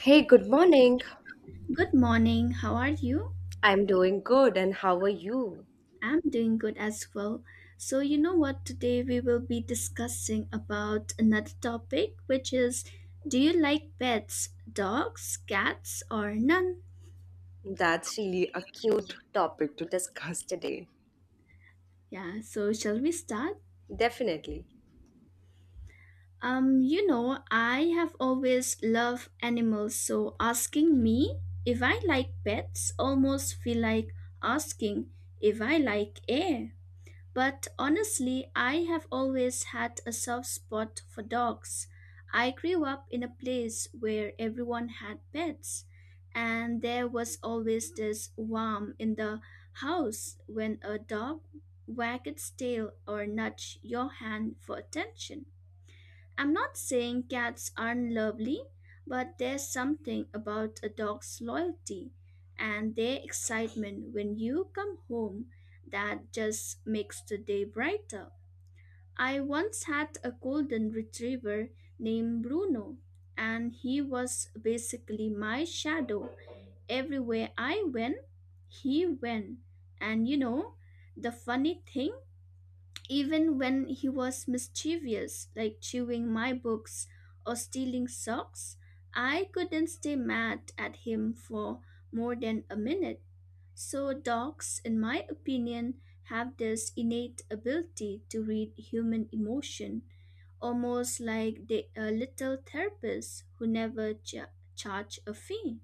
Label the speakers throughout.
Speaker 1: Hey, good morning.
Speaker 2: Good morning. How are you?
Speaker 1: I'm doing good, and how are you?
Speaker 2: I'm doing good as well. So, you know what? Today we will be discussing about another topic, which is do you like pets, dogs, cats, or none?
Speaker 1: That's really a cute topic to discuss today.
Speaker 2: Yeah, so shall we start?
Speaker 1: Definitely.
Speaker 2: You know, I have always loved animals, so asking me if I like pets almost feel like asking if I like air. But honestly, I have always had a soft spot for dogs. I grew up in a place where everyone had pets, and there was always this warmth in the house when a dog wagged its tail or nudged your hand for attention. I'm not saying cats aren't lovely, but there's something about a dog's loyalty and their excitement when you come home that just makes the day brighter. I once had a golden retriever named Bruno, and he was basically my shadow. Everywhere I went, he went. And you know, the funny thing even when he was mischievous, like chewing my books or stealing socks, I couldn't stay mad at him for more than a minute. So, dogs, in my opinion, have this innate ability to read human emotion, almost like they are little therapists who never charge a fee.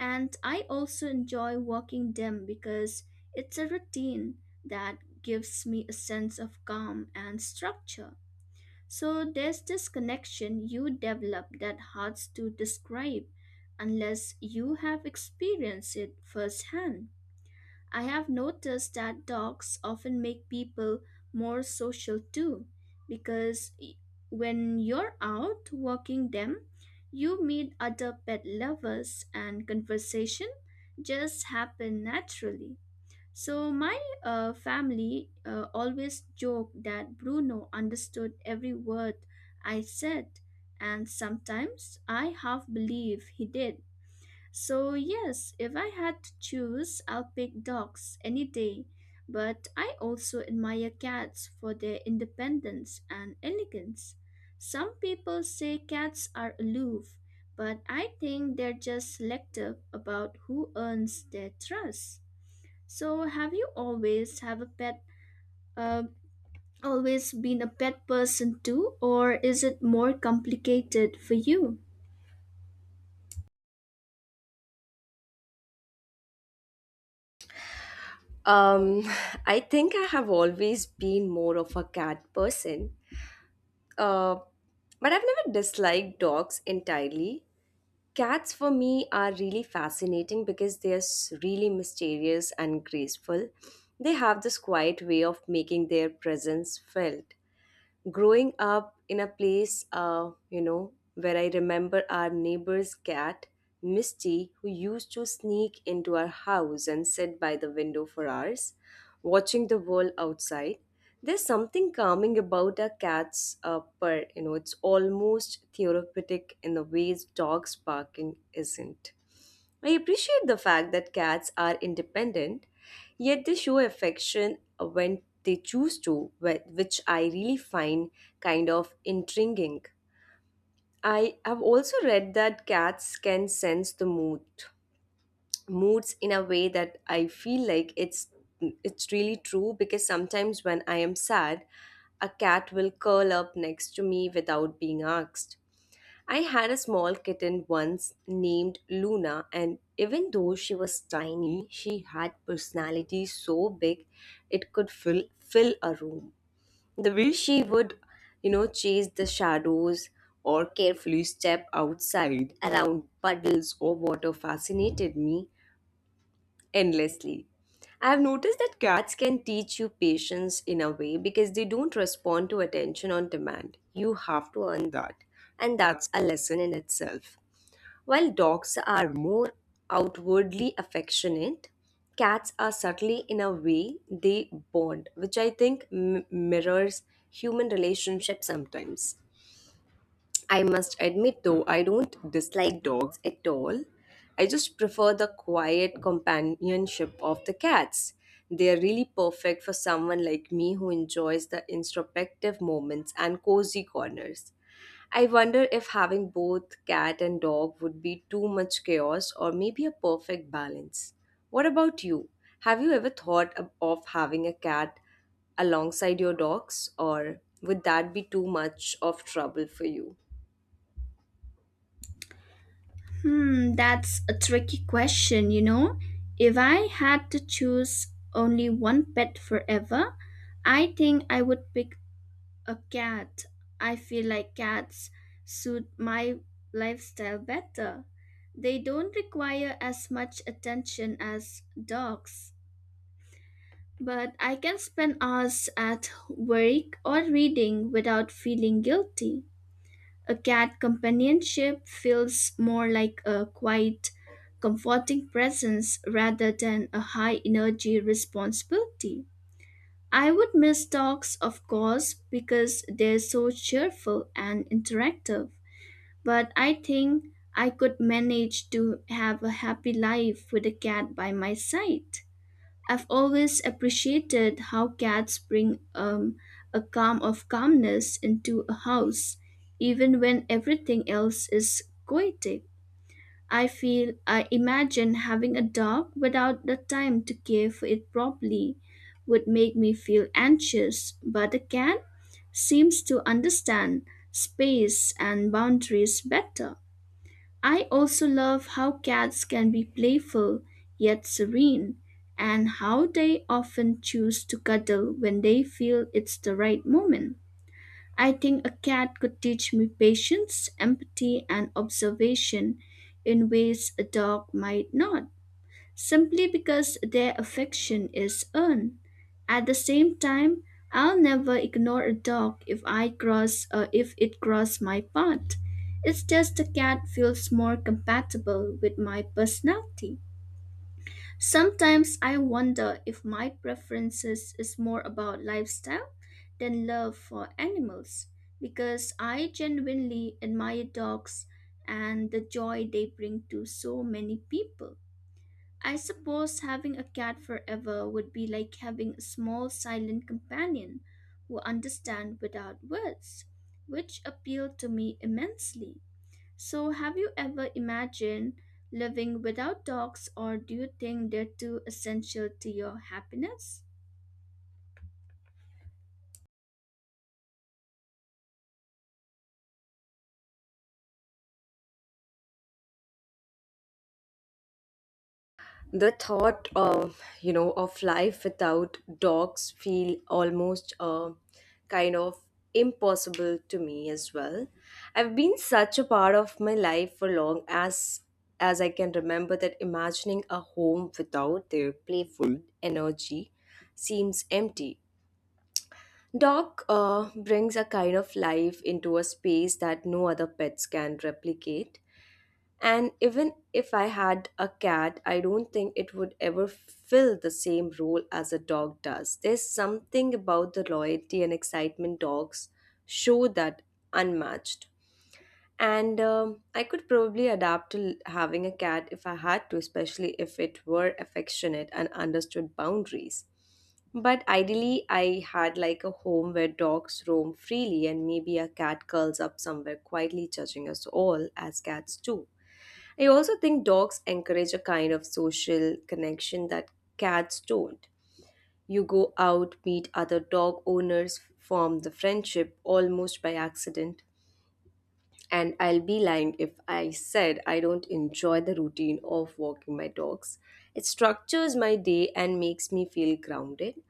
Speaker 2: And I also enjoy walking them because it's a routine that gives me a sense of calm and structure. So there's this connection you develop that hard to describe unless you have experienced it firsthand. I have noticed that dogs often make people more social too, because when you're out walking them, you meet other pet lovers and conversation just happen naturally. So my family always joked that Bruno understood every word I said, and sometimes I half believe he did so, yes, if I had to choose, I'll pick dogs any day. But I also admire cats for their independence and elegance. Some people say cats are aloof, but I think they're just selective about who earns their trust. So, have you always have a pet? Uh, Always been a pet person too, or is it more complicated for you?
Speaker 1: Um, I think I have always been more of a cat person, uh, but I've never disliked dogs entirely. Cats for me are really fascinating because they are really mysterious and graceful. They have this quiet way of making their presence felt growing up in a place where I remember our neighbor's cat Misty, who used to sneak into our house and sit by the window for hours watching the world outside. There's something calming about a cat's purr. You know it's almost therapeutic in the ways dogs barking isn't. I appreciate the fact that cats are independent, yet they show affection when they choose to, which I really find kind of intriguing. I have also read that cats can sense the moods in a way that I feel like it's really true, because sometimes when I am sad, a cat will curl up next to me without being asked. I had a small kitten once named Luna, and even though she was tiny, she had personality so big it could fill a room. The way she would, chase the shadows or carefully step outside around puddles or water fascinated me endlessly. I have noticed that cats can teach you patience in a way, because they don't respond to attention on demand. You have to earn that. And that's a lesson in itself. While dogs are more outwardly affectionate, cats are subtly in a way they bond, which I think mirrors human relationships sometimes. I must admit, though, I don't dislike dogs at all. I just prefer the quiet companionship of the cats. They are really perfect for someone like me who enjoys the introspective moments and cozy corners. I wonder if having both cat and dog would be too much chaos or maybe a perfect balance. What about you? Have you ever thought of having a cat alongside your dogs, or would that be too much of trouble for you?
Speaker 2: Hmm, that's a tricky question, you know. If I had to choose only one pet forever, I think I would pick a cat. I feel like cats suit my lifestyle better. They don't require as much attention as dogs. But I can spend hours at work or reading without feeling guilty. A cat companionship feels more like a quiet, comforting presence rather than a high energy responsibility. I would miss dogs, of course, because they're so cheerful and interactive, but I think I could manage to have a happy life with a cat by my side. I've always appreciated how cats bring a calm of calmness into a house, even when everything else is chaotic. I feel I imagine having a dog without the time to care for it properly would make me feel anxious, but a cat seems to understand space and boundaries better. I also love how cats can be playful yet serene, and how they often choose to cuddle when they feel it's the right moment. I think a cat could teach me patience, empathy, and observation in ways a dog might not simply because their affection is earned. At the same time, I'll never ignore a dog if it cross my path. It's just the cat feels more compatible with my personality. Sometimes I wonder if my preferences is more about lifestyle than love for animals because I genuinely admire dogs and the joy they bring to so many people. I suppose having a cat forever would be like having a small silent companion who understand without words, which appealed to me immensely. So, have you ever imagined living without dogs, or do you think they're too essential to your happiness?
Speaker 1: The thought of of life without dogs feel almost kind of impossible to me as well. I've been such a part of my life for long as I can remember that imagining a home without their playful energy seems empty. Dog brings a kind of life into a space that no other pets can replicate, and even if I had a cat, I don't think it would ever fill the same role as a dog does. There's something about the loyalty and excitement dogs show that unmatched. And I could probably adapt to having a cat if I had to, especially if it were affectionate and understood boundaries. But ideally, I had like a home where dogs roam freely and maybe a cat curls up somewhere quietly judging us all as cats do. I also think dogs encourage a kind of social connection that cats don't. You go out, meet other dog owners, form the friendship almost by accident. And I'll be lying if I said I don't enjoy the routine of walking my dogs. It structures my day and makes me feel grounded.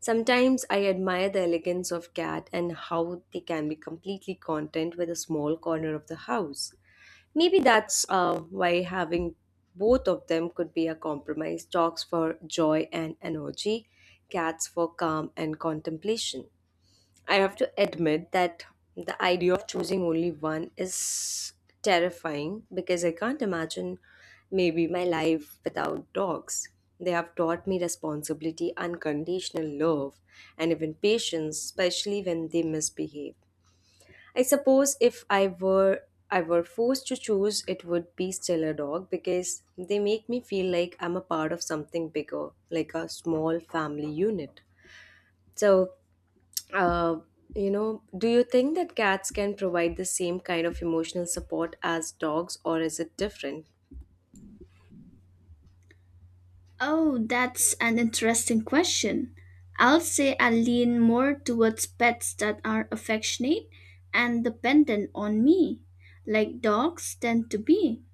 Speaker 1: Sometimes I admire the elegance of cat and how they can be completely content with a small corner of the house. Maybe that's why having both of them could be a compromise: dogs for joy and energy, cats for calm and contemplation. I have to admit that the idea of choosing only one is terrifying because I can't imagine maybe my life without dogs. They have taught me responsibility, unconditional love, and even patience, especially when they misbehave. I suppose if I were I were forced to choose, it would be still a dog because they make me feel like I'm a part of something bigger, like a small family unit. So, uh, do you think that cats can provide the same kind of emotional support as dogs, or is it different?
Speaker 2: Oh, that's an interesting question. I'll say I lean more towards pets that are affectionate and dependent on me, like dogs tend to be.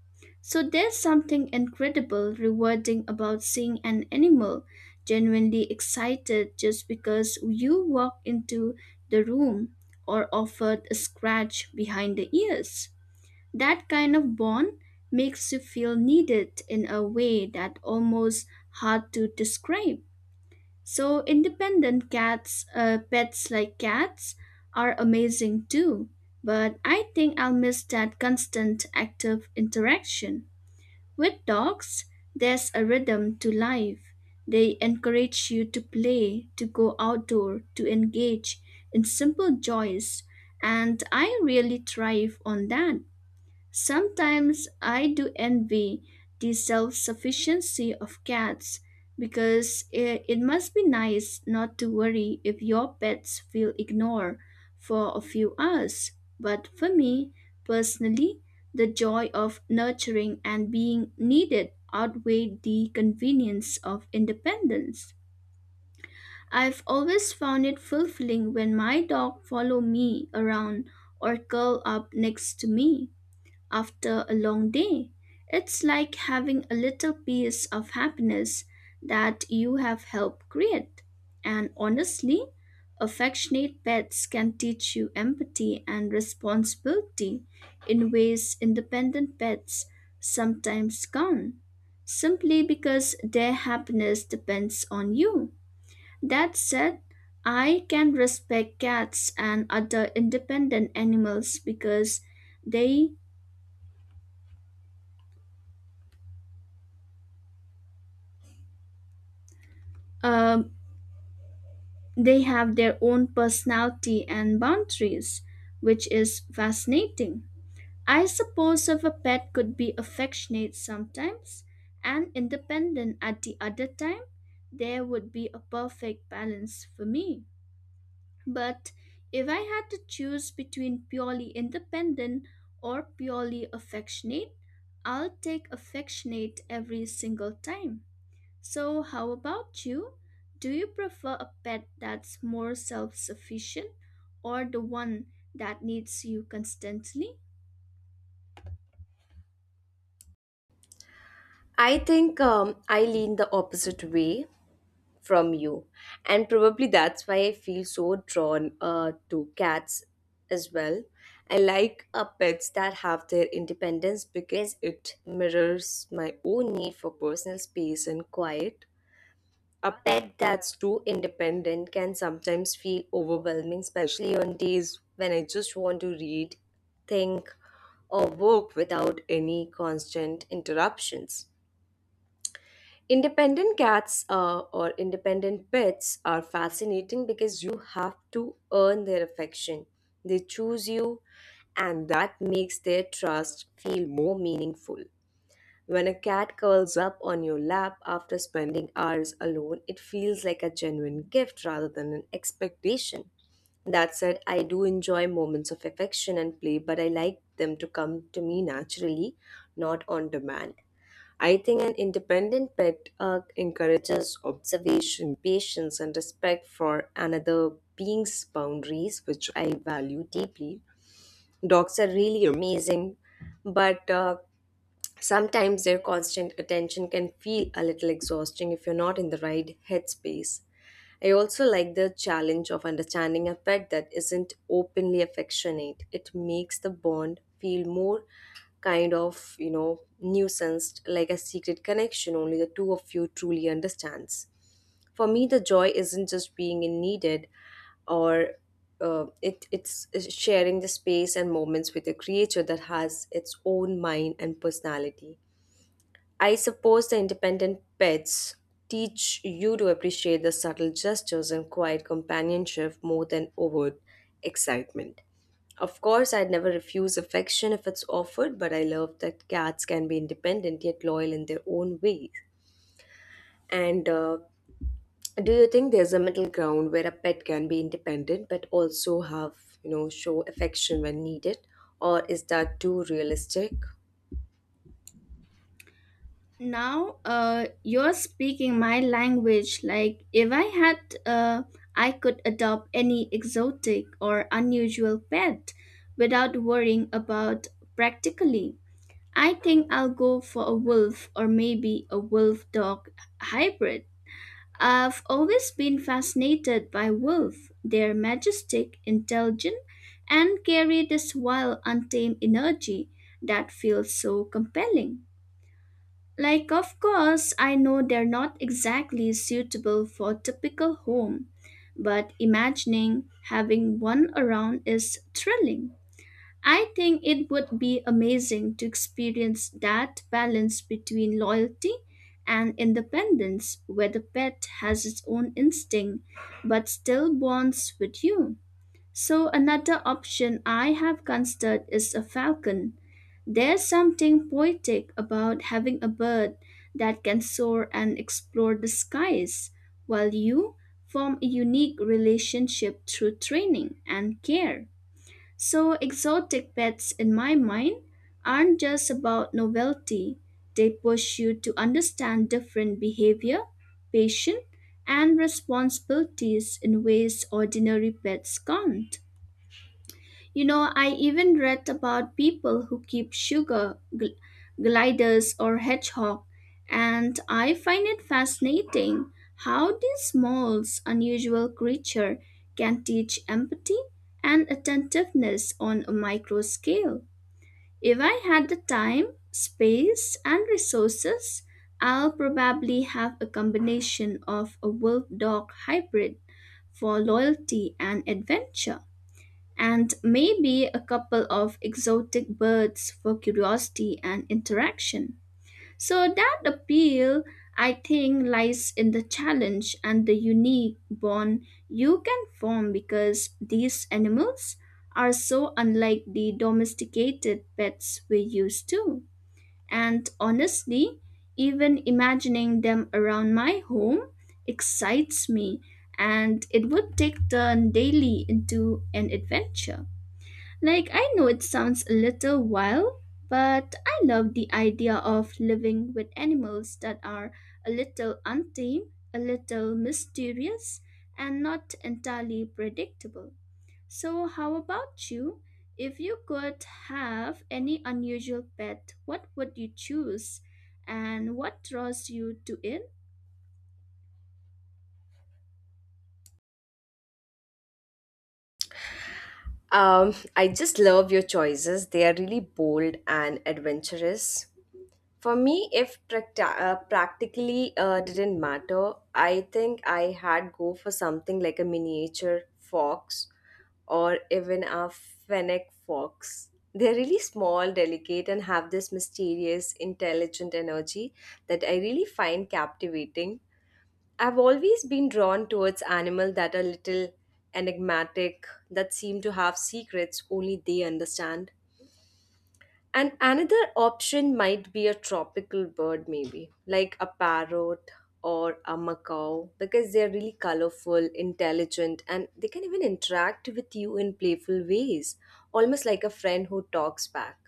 Speaker 2: So there's something incredible rewarding about seeing an animal genuinely excited just because you walked into the room or offered a scratch behind the ears. That kind of bond makes you feel needed in a way that almost hard to describe. So pets like cats, are amazing too. But I think I'll miss that constant active interaction. With dogs, there's a rhythm to life. They encourage you to play, to go outdoor, to engage in simple joys, and I really thrive on that. Sometimes I do envy the self sufficiency of cats because it must be nice not to worry if your pets feel ignored for a few hours. But for me personally, the joy of nurturing and being needed outweighed the convenience of independence. I've always found it fulfilling when my dog follow me around or curl up next to me after a long day. It's like having a little piece of happiness that you have helped create. And honestly, affectionate pets can teach you empathy and responsibility in ways independent pets sometimes can't, simply because their happiness depends on you. That said, I can respect cats and other independent animals because they uh. They have their own personality and boundaries, which is fascinating. I suppose if a pet could be affectionate sometimes and independent at the other time, there would be a perfect balance for me. But if I had to choose between purely independent or purely affectionate, I'll take affectionate every single time. So, how about you? Do you prefer a pet that's more self sufficient or the one that needs you constantly?
Speaker 1: I think I lean the opposite way from you. And probably that's why I feel so drawn to cats as well. I like pets that have their independence, because it mirrors my own need for personal space and quiet. A pet that's too independent can sometimes feel overwhelming, especially on days when I just want to read, think, or work without any constant interruptions. Independent cats or independent pets are fascinating because you have to earn their affection. They choose you, and that makes their trust feel more meaningful. When a cat curls up on your lap after spending hours alone, it feels like a genuine gift rather than an expectation. That said, I do enjoy moments of affection and play, but I like them to come to me naturally, not on demand. I think an independent pet encourages observation, patience, and respect for another being's boundaries, which I value deeply. Dogs are really amazing, but sometimes their constant attention can feel a little exhausting if you're not in the right headspace. I also like the challenge of understanding a pet that isn't openly affectionate. It makes the bond feel more kind of, nuanced, like a secret connection only the two of you truly understands. For me, the joy isn't just being in needed or it's sharing the space and moments with a creature that has its own mind and personality. I suppose the independent pets teach you to appreciate the subtle gestures and quiet companionship more than overt excitement. Of course, I'd never refuse affection if it's offered, but I love that cats can be independent yet loyal in their own ways. And do you think there's a middle ground where a pet can be independent but also have, show affection when needed? Or is that too realistic?
Speaker 2: Now, you're speaking my language. Like, if I had, uh, I could adopt any exotic or unusual pet without worrying about practically. I think I'll go for a wolf or maybe a wolf dog hybrid. I've always been fascinated by wolves. They're majestic, intelligent, and carry this wild, untamed energy that feels so compelling. Like, of course, I know they're not exactly suitable for typical home, but imagining having one around is thrilling. I think it would be amazing to experience that balance between loyalty and independence, where the pet has its own instinct but still bonds with you. So, another option I have considered is a falcon. There's something poetic about having a bird that can soar and explore the skies, while you form a unique relationship through training and care. So, exotic pets, in my mind, aren't just about novelty. They push you to understand different behavior, patience, and responsibilities in ways ordinary pets can't. You know, I even read about people who keep gliders or hedgehog, and I find it fascinating how these small, unusual creature can teach empathy and attentiveness on a micro scale. If I had the time, space, and resources, I'll probably have a combination of a wolf-dog hybrid for loyalty and adventure and maybe a couple of exotic birds for curiosity and interaction. So, that appeal, I think, lies in the challenge and the unique bond you can form because these animals are so unlike the domesticated pets we're used to. And honestly, even imagining them around my home excites me, and it would take turn daily into an adventure. Like, I know it sounds a little wild, but I love the idea of living with animals that are a little untamed, a little mysterious, and not entirely predictable. So, how about you? If you could have any unusual pet, what would you choose? And what draws you to it?
Speaker 1: I just love your choices. They are really bold and adventurous. For me, if practically didn't matter, I think I had go for something like a miniature fox or even a fennec fox. They're really small, delicate, and have this mysterious, intelligent energy that I really find captivating. I've always been drawn towards animals that are little enigmatic, that seem to have secrets only they understand. And another option might be a tropical bird, maybe like a parrot or a macaw, because they're really colorful, intelligent, and they can even interact with you in playful ways, almost like a friend who talks back.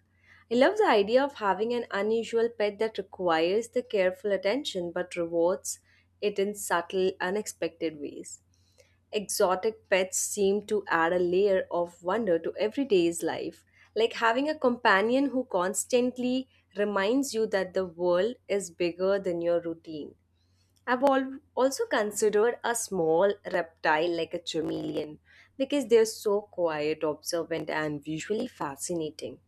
Speaker 1: I love the idea of having an unusual pet that requires the careful attention but rewards it in subtle, unexpected ways. Exotic pets seem to add a layer of wonder to everyday's life, like having a companion who constantly reminds you that the world is bigger than your routine. I've also considered a small reptile like a chameleon, because they're so quiet, observant, and visually fascinating.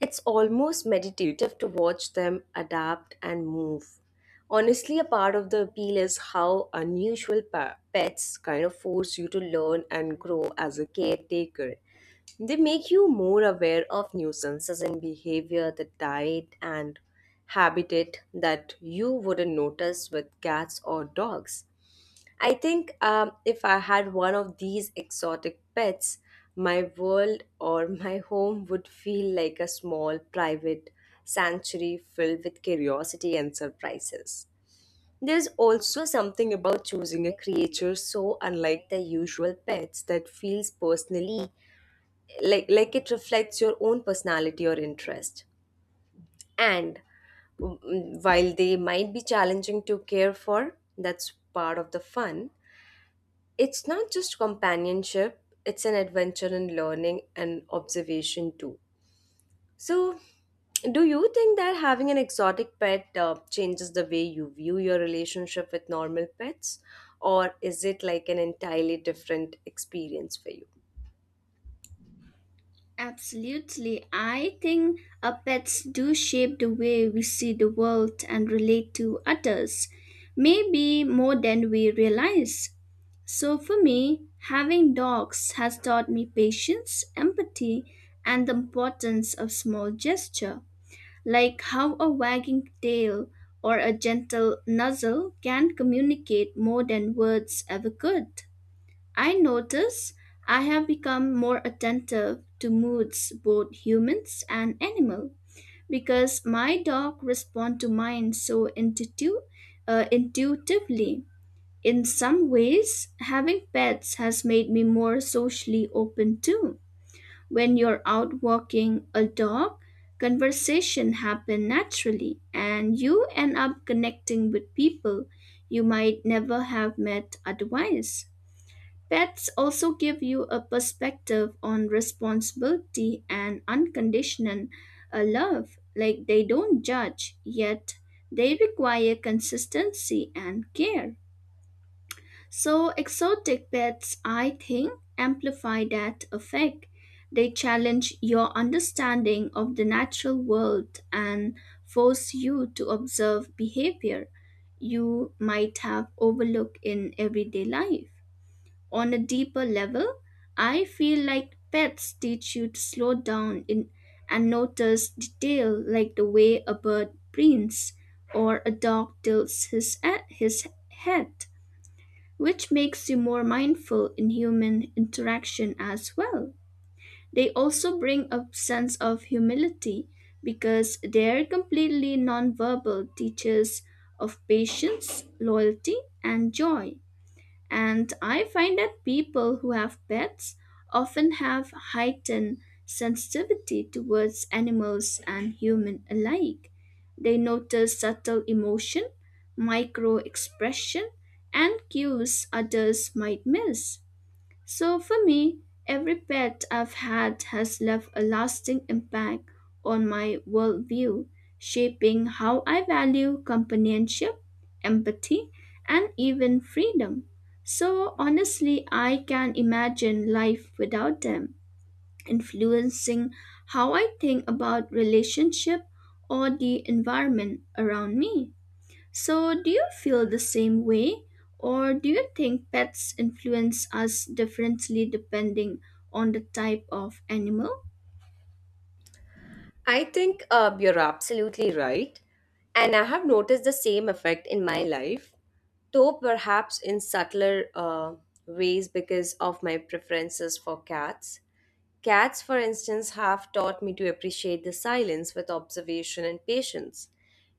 Speaker 1: It's almost meditative to watch them adapt and move. Honestly, a part of the appeal is how unusual pets kind of force you to learn and grow as a caretaker. They make you more aware of nuisances in behavior, the diet, and habitat that you wouldn't notice with cats or dogs. I think if I had one of these exotic pets, my world or my home would feel like a small private sanctuary filled with curiosity and surprises. There's also something about choosing a creature so unlike the usual pets that feels personally like it reflects your own personality or interest. And while they might be challenging to care for, that's part of the fun. It's not just companionship, it's an adventure in learning and observation too. So, do you think that having an exotic pet changes the way you view your relationship with normal pets? Or is it like an entirely different experience for you?
Speaker 2: Absolutely. I think our pets do shape the way we see the world and relate to others, maybe more than we realize. So, for me, having dogs has taught me patience, empathy, and the importance of small gesture, like how a wagging tail or a gentle nuzzle can communicate more than words ever could. I notice I have become more attentive to moods, both humans and animal, because my dog respond to mine so intuitively. In some ways, having pets has made me more socially open too. When you're out walking a dog, conversation happen naturally, and you end up connecting with people you might never have met otherwise. Pets also give you a perspective on responsibility and unconditional love. Like they don't judge, yet they require consistency and care. So, exotic pets, I think, amplify that effect. They challenge your understanding of the natural world and force you to observe behavior you might have overlooked in everyday life. On a deeper level, I feel like pets teach you to and notice detail like the way a bird prints or a his head, which makes you more mindful in human interaction as well. They also bring a sense of humility because their completely nonverbal teaches of patience, loyalty, and joy, and I find that people who have pets often have heightened sensitivity towards animals and human alike. They notice subtle emotion, micro expression, and cues others might miss. So for me, every pet I've had has left a lasting impact on my worldview, shaping how I value companionship, empathy, and even freedom. So honestly, I can imagine life without them, influencing how I think about relationship or the environment around me. So, do you feel the same way, or do you think pets influence us differently depending on the type of animal?
Speaker 1: I think you're absolutely right. And I have noticed the same effect in my life, though perhaps in subtler ways because of my preferences for cats. Cats, for instance, have taught me to appreciate the silence with observation and patience.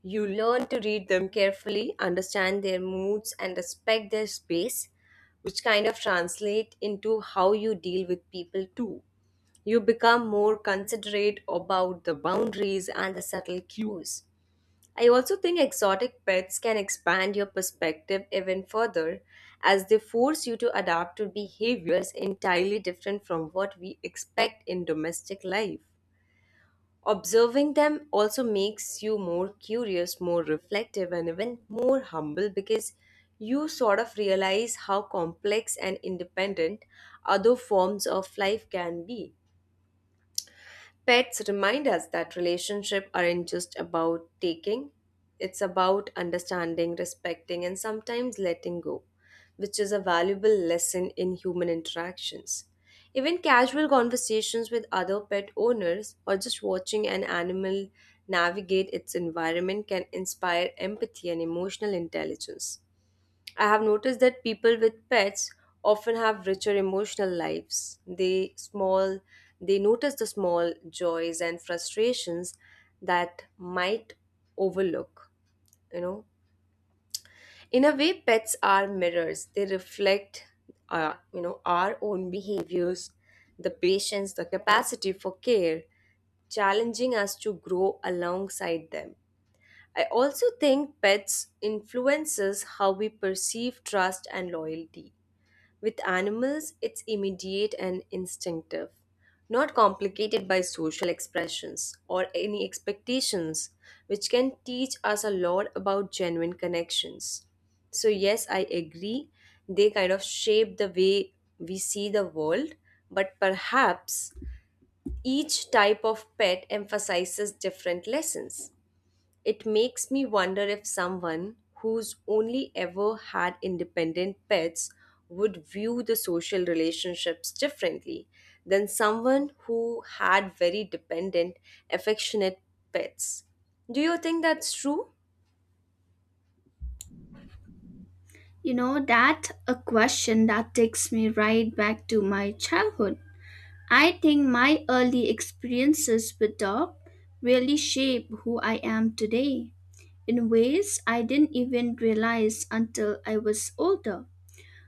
Speaker 1: You learn to read them carefully, understand their moods, and respect their space, which kind of translate into how you deal with people too. You become more considerate about the boundaries and the subtle cues. I also think exotic pets can expand your perspective even further, as they force you to adapt to behaviors entirely different from what we expect in domestic life. Observing them also makes you more curious, more reflective, and even more humble, because you sort of realize how complex and independent other forms of life can be. Pets remind us that relationships aren't just about taking, it's about understanding, respecting, and sometimes letting go, which is a valuable lesson in human interactions. Even casual conversations with other pet owners or just watching an animal navigate its environment can inspire empathy and emotional intelligence. I have noticed that people with pets often have richer emotional lives. They notice the small joys and frustrations that might overlook, you know. In a way, pets are mirrors. They reflect our own behaviors, the patience, the capacity for care, challenging us to grow alongside them. I also think pets influences how we perceive trust and loyalty. With animals, it's immediate and instinctive, not complicated by social expressions or any expectations, which can teach us a lot about genuine connections. So, yes, I agree, they kind of shape the way we see the world, but perhaps each type of pet emphasizes different lessons. It makes me wonder if someone who's only ever had independent pets would view the social relationships differently than someone who had very dependent, affectionate pets. Do you think that's true?
Speaker 2: You know, that a question that takes me right back to my childhood. I think my early experiences with dog really shape who I am today in ways I didn't even realize until I was older.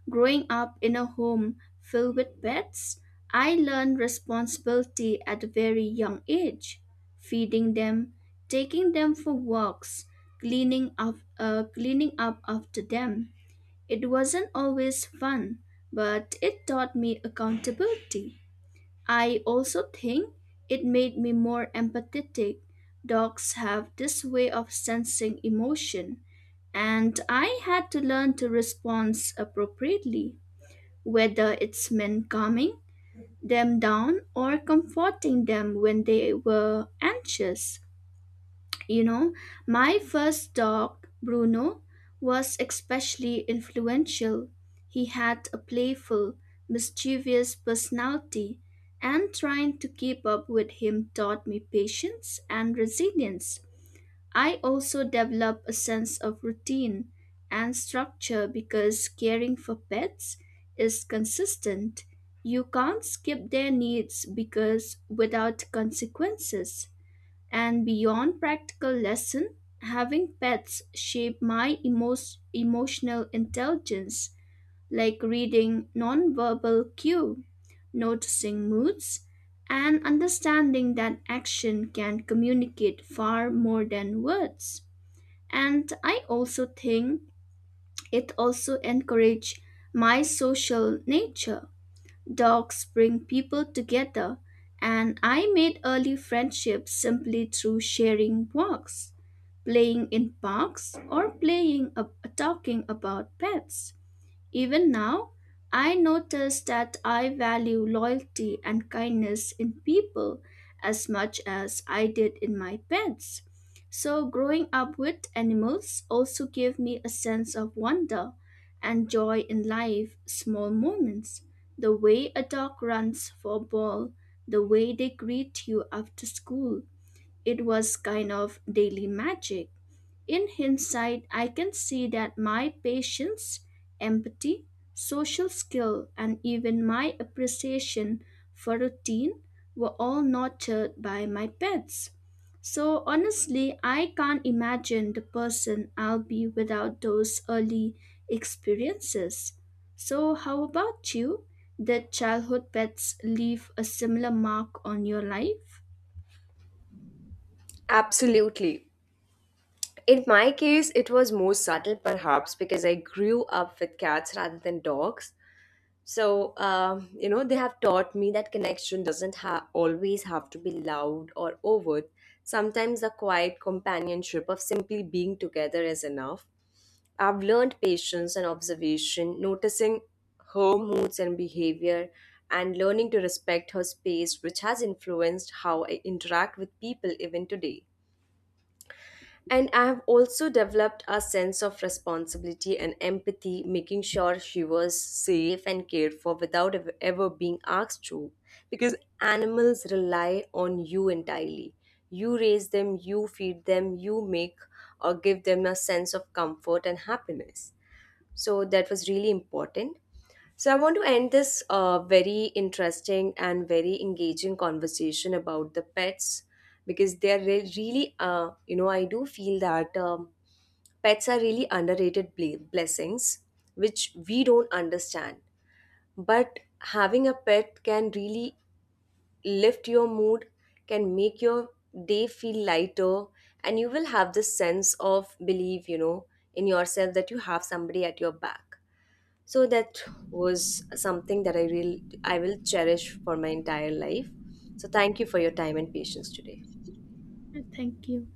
Speaker 2: Growing up in a home filled with pets, I learned responsibility at a very young age. Feeding them, taking them for walks, cleaning up after them. It wasn't always fun, but it taught me accountability. I also think it made me more empathetic. Dogs have this way of sensing emotion, and I had to learn to respond appropriately whether it's meant calming them down or comforting them when they were anxious. You know, my first dog, Bruno, was especially influential. He had a playful, mischievous personality, and trying to keep up with him taught me patience and resilience. I also develop a sense of routine and structure because caring for pets is consistent. You can't skip their needs because without consequences. And beyond practical lesson, having pets shape my emotional intelligence like reading nonverbal cue, noticing moods, and understanding that action can communicate far more than words, and I also think it also encourage my social nature. Dogs bring people together, and I made early friendships simply through sharing walks, playing in parks, or playing talking about pets. Even now, I notice that I value loyalty and kindness in people as much as I did in my pets. So, growing up with animals also gave me a sense of wonder and joy in life, small moments. The way a dog runs for a ball, the way they greet you after school, it was kind of daily magic. In hindsight, I can see that my patience, empathy, social skill, and even my appreciation for routine were all nurtured by my pets. So honestly, I can't imagine the person I'll be without those early experiences. So, how about you? Did childhood pets leave a similar mark on your life?
Speaker 1: Absolutely. In my case, it was more subtle perhaps because I grew up with cats rather than dogs. So, they have taught me that connection doesn't always have to be loud or overt. Sometimes the quiet companionship of simply being together is enough. I've learned patience and observation, noticing her moods and behavior, and learning to respect her space, which has influenced how I interact with people even today. And I have also developed a sense of responsibility and empathy, making sure she was safe and cared for without ever being asked to. Because animals rely on you entirely. You raise them, you feed them, you make or give them a sense of comfort and happiness. So that was really important. So, I want to end this very interesting and very engaging conversation about the pets, because they are really, I do feel that pets are really underrated blessings which we don't understand. But having a pet can really lift your mood, can make your day feel lighter, and you will have this sense of belief, in yourself that you have somebody at your back. So that was something that I will cherish for my entire life. So thank you for your time and patience today.
Speaker 2: Thank you.